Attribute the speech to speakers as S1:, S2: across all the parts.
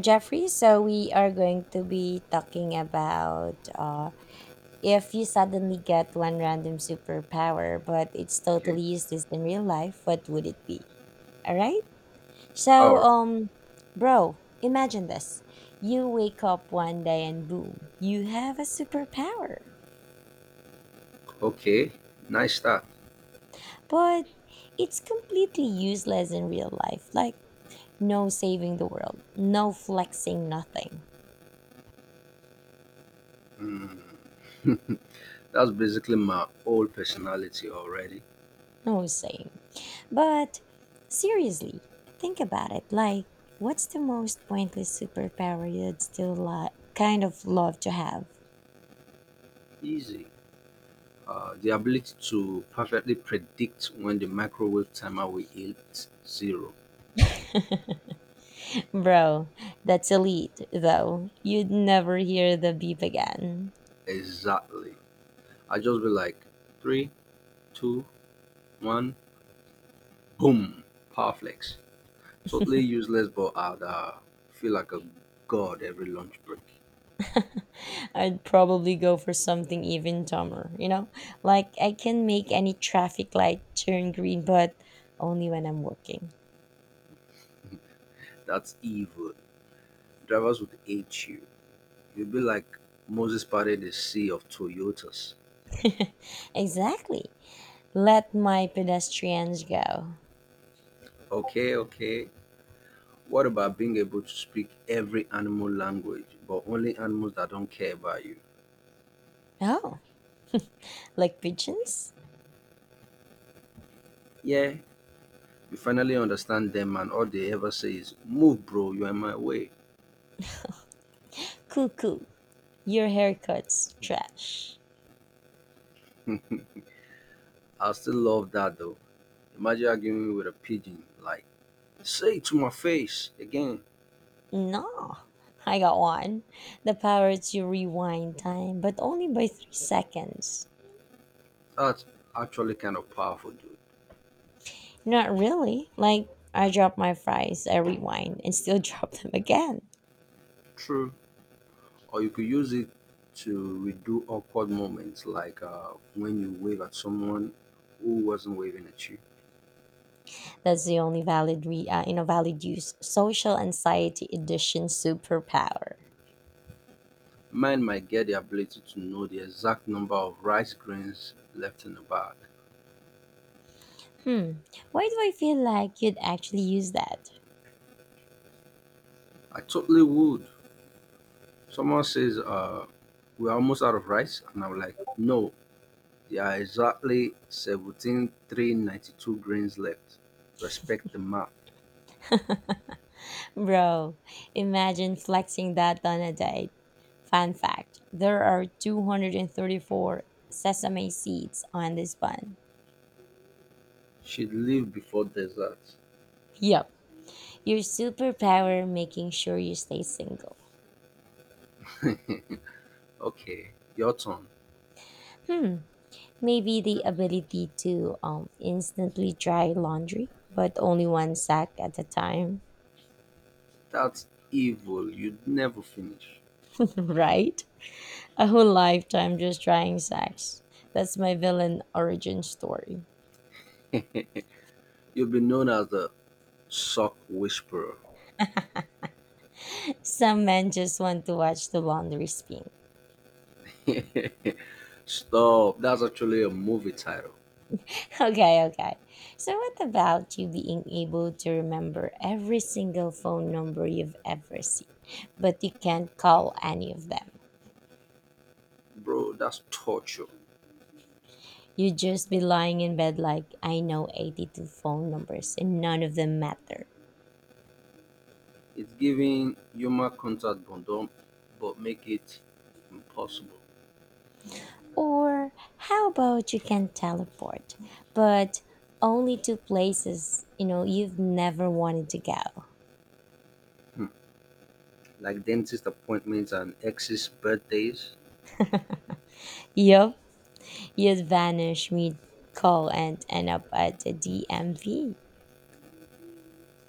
S1: Jeffrey. So we are going to be talking about if you suddenly get one random superpower, but it's
S2: Okay.
S1: totally useless in real life, what would it be? All right.
S2: All
S1: So,
S2: right.
S1: um, bro, imagine this: you wake up one day and boom, you have a superpower,
S2: Okay. Nice start.
S1: but it's completely useless in real life. Like no saving the world, no flexing, nothing,
S2: Mm. That's basically my whole personality already.
S1: no saying. But seriously, think about it. Like, what's the most pointless superpower you'd still like, kind of love to have?
S2: Easy. The ability to perfectly predict when the microwave timer will hit zero.
S1: Bro, that's elite, though. You'd never hear the beep again.
S2: Exactly. I just be like three, two, one, boom. Power flex. Totally useless, but I'd feel like a god every lunch break.
S1: I'd probably go for something even dumber, you know? Like, I can make any traffic light turn green, but only when I'm working.
S2: That's evil. Drivers would hate you. You'll be like Moses parted the sea of Toyotas.
S1: Exactly. Let my pedestrians go.
S2: Okay, okay. What about being able to speak every animal language, but only animals that don't care about you?
S1: Oh, like pigeons?
S2: Yeah, you finally understand them, and all they ever say is, "Move, bro, you're in my way."
S1: Cuckoo. Your haircut's trash.
S2: I still love that though. Imagine arguing with a pigeon, like, "Say it to my face again."
S1: No, I got one. The power to rewind time, but only by 3 seconds.
S2: That's actually kind of powerful, dude.
S1: Not really. Like, I drop my fries, I rewind, and still drop them again.
S2: True. Or you could use it to redo awkward moments like when you wave at someone who wasn't waving at you.
S1: That's the only valid, valid use. Social anxiety edition superpower.
S2: Mine might get the ability to know the exact number of rice grains left in the bag.
S1: Hmm. Why do I feel like you'd actually use that?
S2: I totally would. Someone says, "We're almost out of rice." And I'm like, "No, there are exactly 17,392 grains left. Respect the math."
S1: Bro, imagine flexing that on a date. Fun fact there are 234 sesame seeds on this bun.
S2: She'd leave before dessert.
S1: Yep. Your superpower making sure you stay single.
S2: Okay, your turn.
S1: Maybe the ability to instantly dry laundry, but only one sack at a time.
S2: That's evil. You'd never finish.
S1: Right? A whole lifetime just drying sacks. That's my villain origin story.
S2: You've been known as the sock whisperer.
S1: Some men just want to watch the laundry spin.
S2: Stop. That's actually a movie title.
S1: Okay, okay. So, what about you being able to remember every single phone number you've ever seen, but you can't call any of them?
S2: Bro, that's torture.
S1: You'd just be lying in bed like, I know 82 phone numbers and none of them matter.
S2: It's giving human contact bondom, but make it impossible.
S1: Or, how about you can teleport, but only to places you know you've never wanted to go?
S2: Hmm. Like dentist appointments and exes' birthdays.
S1: Yup, you'd vanish mid call and end up at the DMV.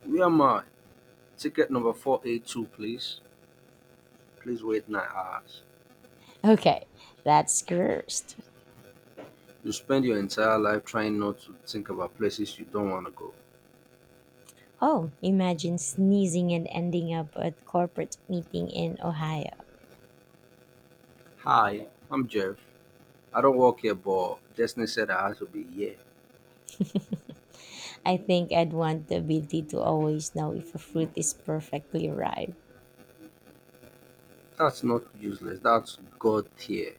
S2: Where am I? Ticket number 482, please. Please wait 9 hours.
S1: Okay, that's cursed.
S2: You spend your entire life trying not to think about places you don't want to go.
S1: Oh, imagine sneezing and ending up at corporate meeting in Ohio.
S2: Hi, I'm Jeff. I don't work here, but Destiny said I had to be here.
S1: I think I'd want the ability to always know if a fruit is perfectly ripe.
S2: That's not useless, that's God tier.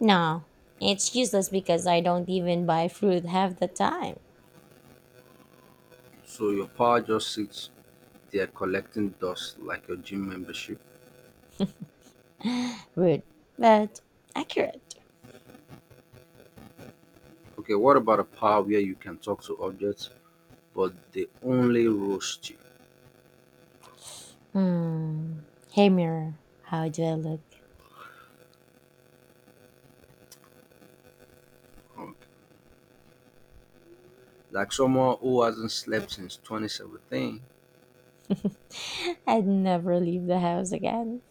S1: No, it's useless because I don't even buy fruit half the time.
S2: So your power just sits there collecting dust like your gym membership.
S1: Rude, but accurate.
S2: Okay, what about a power where you can talk to objects but they only roast you?
S1: Hmm. Hey mirror, how do I look?
S2: Um, Like someone who hasn't slept since 2017,
S1: I'd never leave the house again.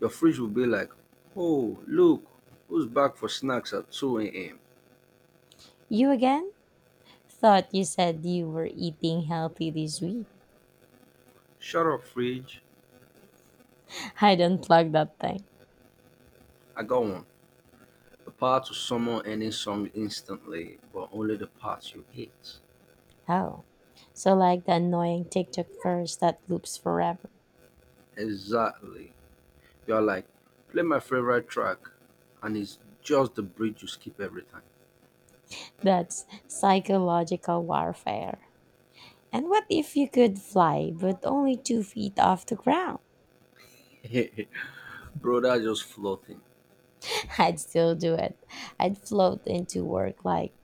S2: your fridge will be like, "Oh, look, who's back for snacks at 2 a.m.?"
S1: You again? Thought you said you were eating healthy this week.
S2: Shut up, fridge.
S1: I'd unplug that thing.
S2: I got one. The power to summon any song instantly, but only the parts you hate.
S1: Oh, so like the annoying TikTok curse that loops forever.
S2: Exactly. You're like, "Play my favorite track," and it's just the bridge you skip every time.
S1: That's psychological warfare. And what if you could fly, but only 2 feet off the ground?
S2: Bro, that's just floating
S1: I'd still do it. I'd float into work like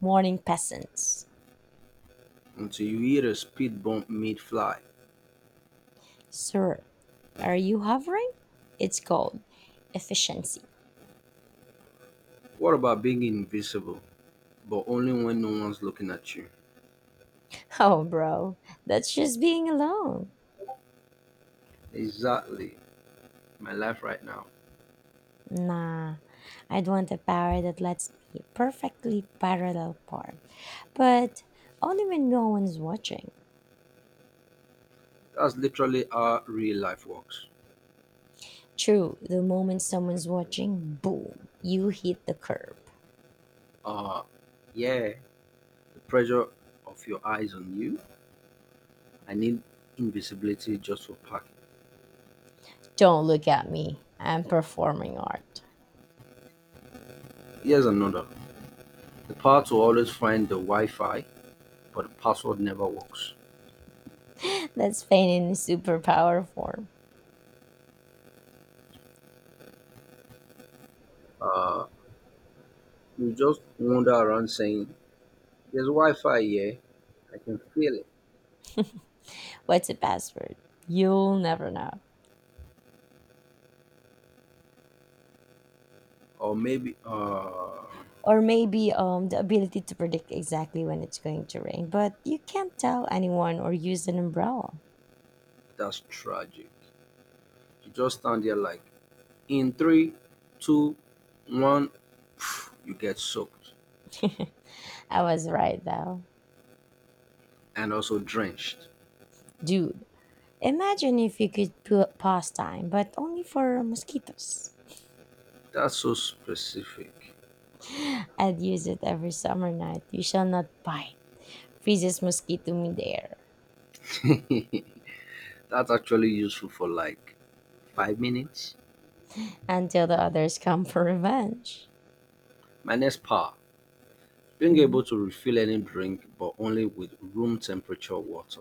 S1: morning peasants.
S2: until you hear a speed bump mid fly.
S1: Sir, are you hovering? It's called efficiency.
S2: What about being invisible, but only when no one's looking at you?
S1: Oh, bro, that's just being alone.
S2: Exactly, my life right now.
S1: Nah, I'd want a power that lets me perfectly parallel park, but only when no one's watching.
S2: That's literally how real life works.
S1: True, the moment someone's watching, boom, you hit the curb.
S2: Uh, yeah, the pressure of your eyes on you. I need invisibility just for parking.
S1: Don't look at me, I'm performing art.
S2: Here's another the power to always find the Wi Fi, but the password never works.
S1: That's pain in superpower form.
S2: Uh, you just wander around saying, "There's Wi Fi here, I can feel it."
S1: What's a password? You'll never know.
S2: Or maybe,
S1: Or maybe the ability to predict exactly when it's going to rain, but you can't tell anyone or use an umbrella.
S2: that's tragic. You just stand there like, "In three, two, one, you get soaked
S1: I was right though.
S2: and also drenched."
S1: Dude, imagine if you could put pastime, but only for mosquitoes.
S2: That's so specific.
S1: I'd use it every summer night. You shall not bite. Freezes mosquito midair
S2: That's actually useful for like 5 minutes.
S1: until the others come for revenge.
S2: My next power being able to refill any drink but only with room temperature water.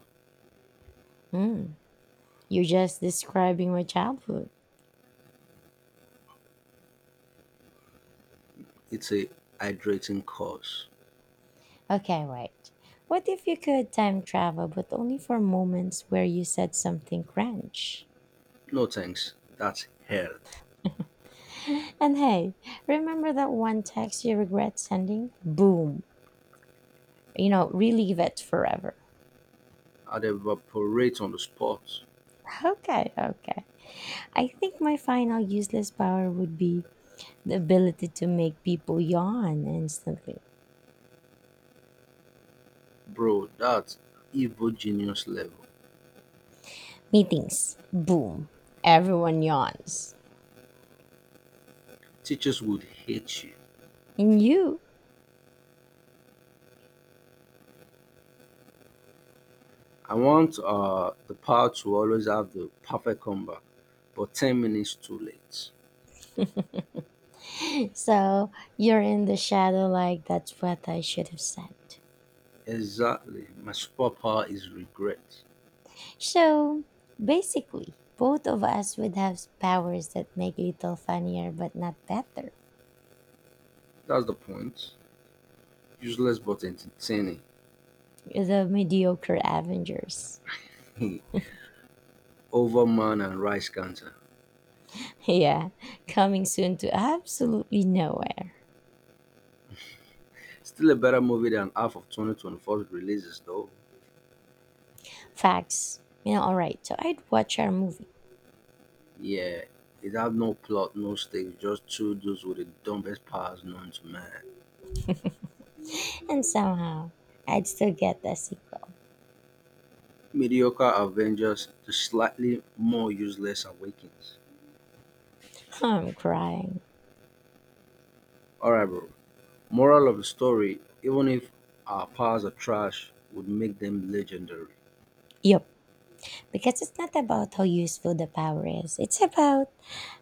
S1: You're just describing my childhood.
S2: It's a hydrating cause.
S1: Okay, wait. What if you could time travel, but only for moments where you said something cringe?
S2: No thanks. That's hell.
S1: And hey, remember that one text you regret sending? Boom. Relive it forever.
S2: I'd evaporate on the spot.
S1: Okay, okay. I think my final useless power would be the ability to make people yawn instantly.
S2: Bro, that's evil genius level.
S1: Meetings, boom, everyone yawns.
S2: Teachers would hate you.
S1: And you.
S2: I want the power to always have the perfect comeback, but 10 minutes too late.
S1: So you're in the shadow like that's what I should have said.
S2: Exactly. My superpower is regret.
S1: So basically, both of us would have powers that make little funnier but not better.
S2: That's the point. Useless but entertaining.
S1: The mediocre Avengers.
S2: Overman and Rice Cancer.
S1: Yeah, coming soon to absolutely nowhere.
S2: Still a better movie than half of 2024's releases, though.
S1: Facts. You know, alright, so I'd watch our movie,
S2: Yeah, it had no plot, no stakes, just two dudes with the dumbest powers known to man.
S1: and somehow I'd still get a sequel.
S2: Mediocre Avengers, the slightly more useless Awakens.
S1: I'm crying.
S2: Alright, bro. Moral of the story even if our powers are trash, would make them legendary.
S1: Yup, because it's not about how useful the power is, it's about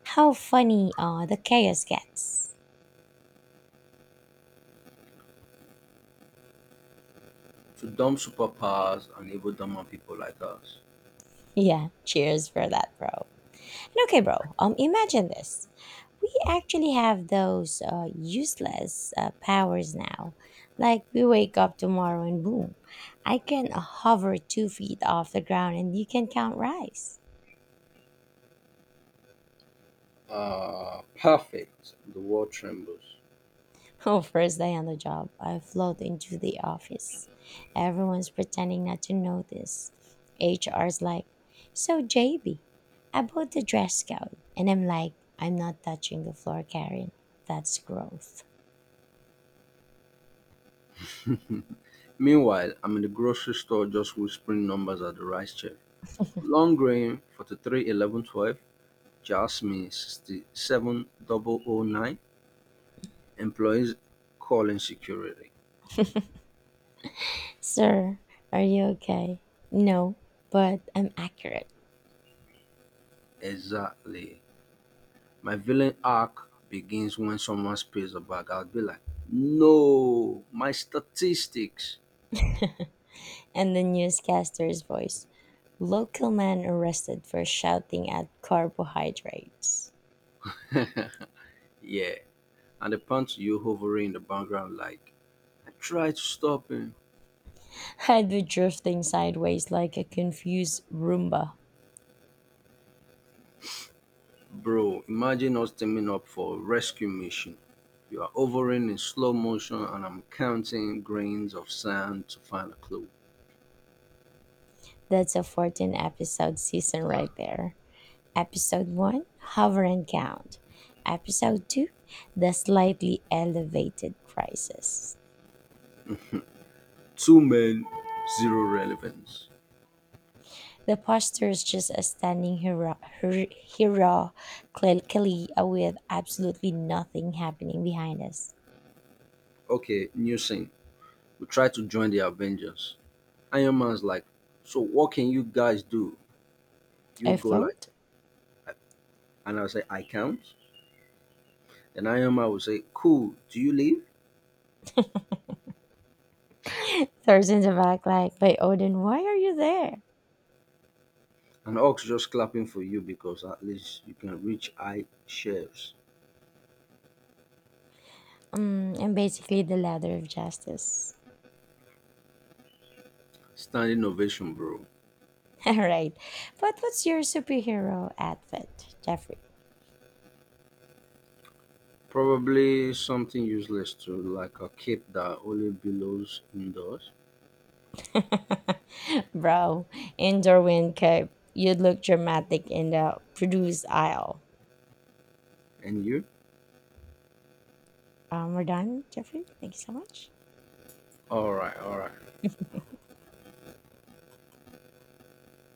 S1: how funny the chaos gets.
S2: To dumb superpowers and evil dumb people like us.
S1: Yeah, cheers for that, bro. And okay, bro, imagine this. We actually have those useless powers now. Like, we wake up tomorrow and boom, I can hover 2 feet off the ground and you can count rice.
S2: Ah, perfect. The world trembles.
S1: Oh, first day on the job, I float into the office. Everyone's pretending not to notice. HR's like, So, JB, about the dress code. And I'm like, I'm not touching the floor, Karen. That's growth.
S2: Meanwhile, I'm in the grocery store just whispering numbers at the rice check. Long grain, 43, 11, 12. Jasmine 67 009 employees calling security.
S1: Sir, are you okay? No, but I'm accurate.
S2: Exactly. My villain arc begins when someone spills a bag. I'll be like, "No, my statistics."
S1: And the newscaster's voice local man arrested for shouting at carbohydrates.
S2: Yeah. And the punch you hovering in the background like, "I tried to stop him."
S1: I'd be drifting sideways like a confused Roomba.
S2: Bro, imagine us teaming up for a rescue mission. You are hovering in slow motion and I'm counting grains of sand to find a clue.
S1: That's a 14 episode season right there. Episode 1, Hover and Count. Episode 2, The Slightly Elevated Crisis.
S2: Two men, zero relevance.
S1: The poster is just a standing hero clearly with absolutely nothing happening behind us.
S2: Okay, new scene. We try to join the Avengers. Iron Man's like, "So what can you guys do?" You
S1: I
S2: go like,
S1: float.
S2: and I'll say, "I can't." Then Iron Man will say, "Cool, do you leave?"
S1: Thirds in the back, like, by Odin, why are you there?
S2: And Ox just clapping for you because at least you can reach high shelves.
S1: Mm, I'm basically the ladder of justice.
S2: Standing ovation, bro.
S1: All right. But what's your superhero outfit, Jeffrey?
S2: Probably something useless to like a cape that only billows indoors.
S1: Bro, in Darwin Cape, you'd look dramatic in the produce aisle.
S2: And you?
S1: We're done, Jeffrey. Thank you so much.
S2: Alright, alright,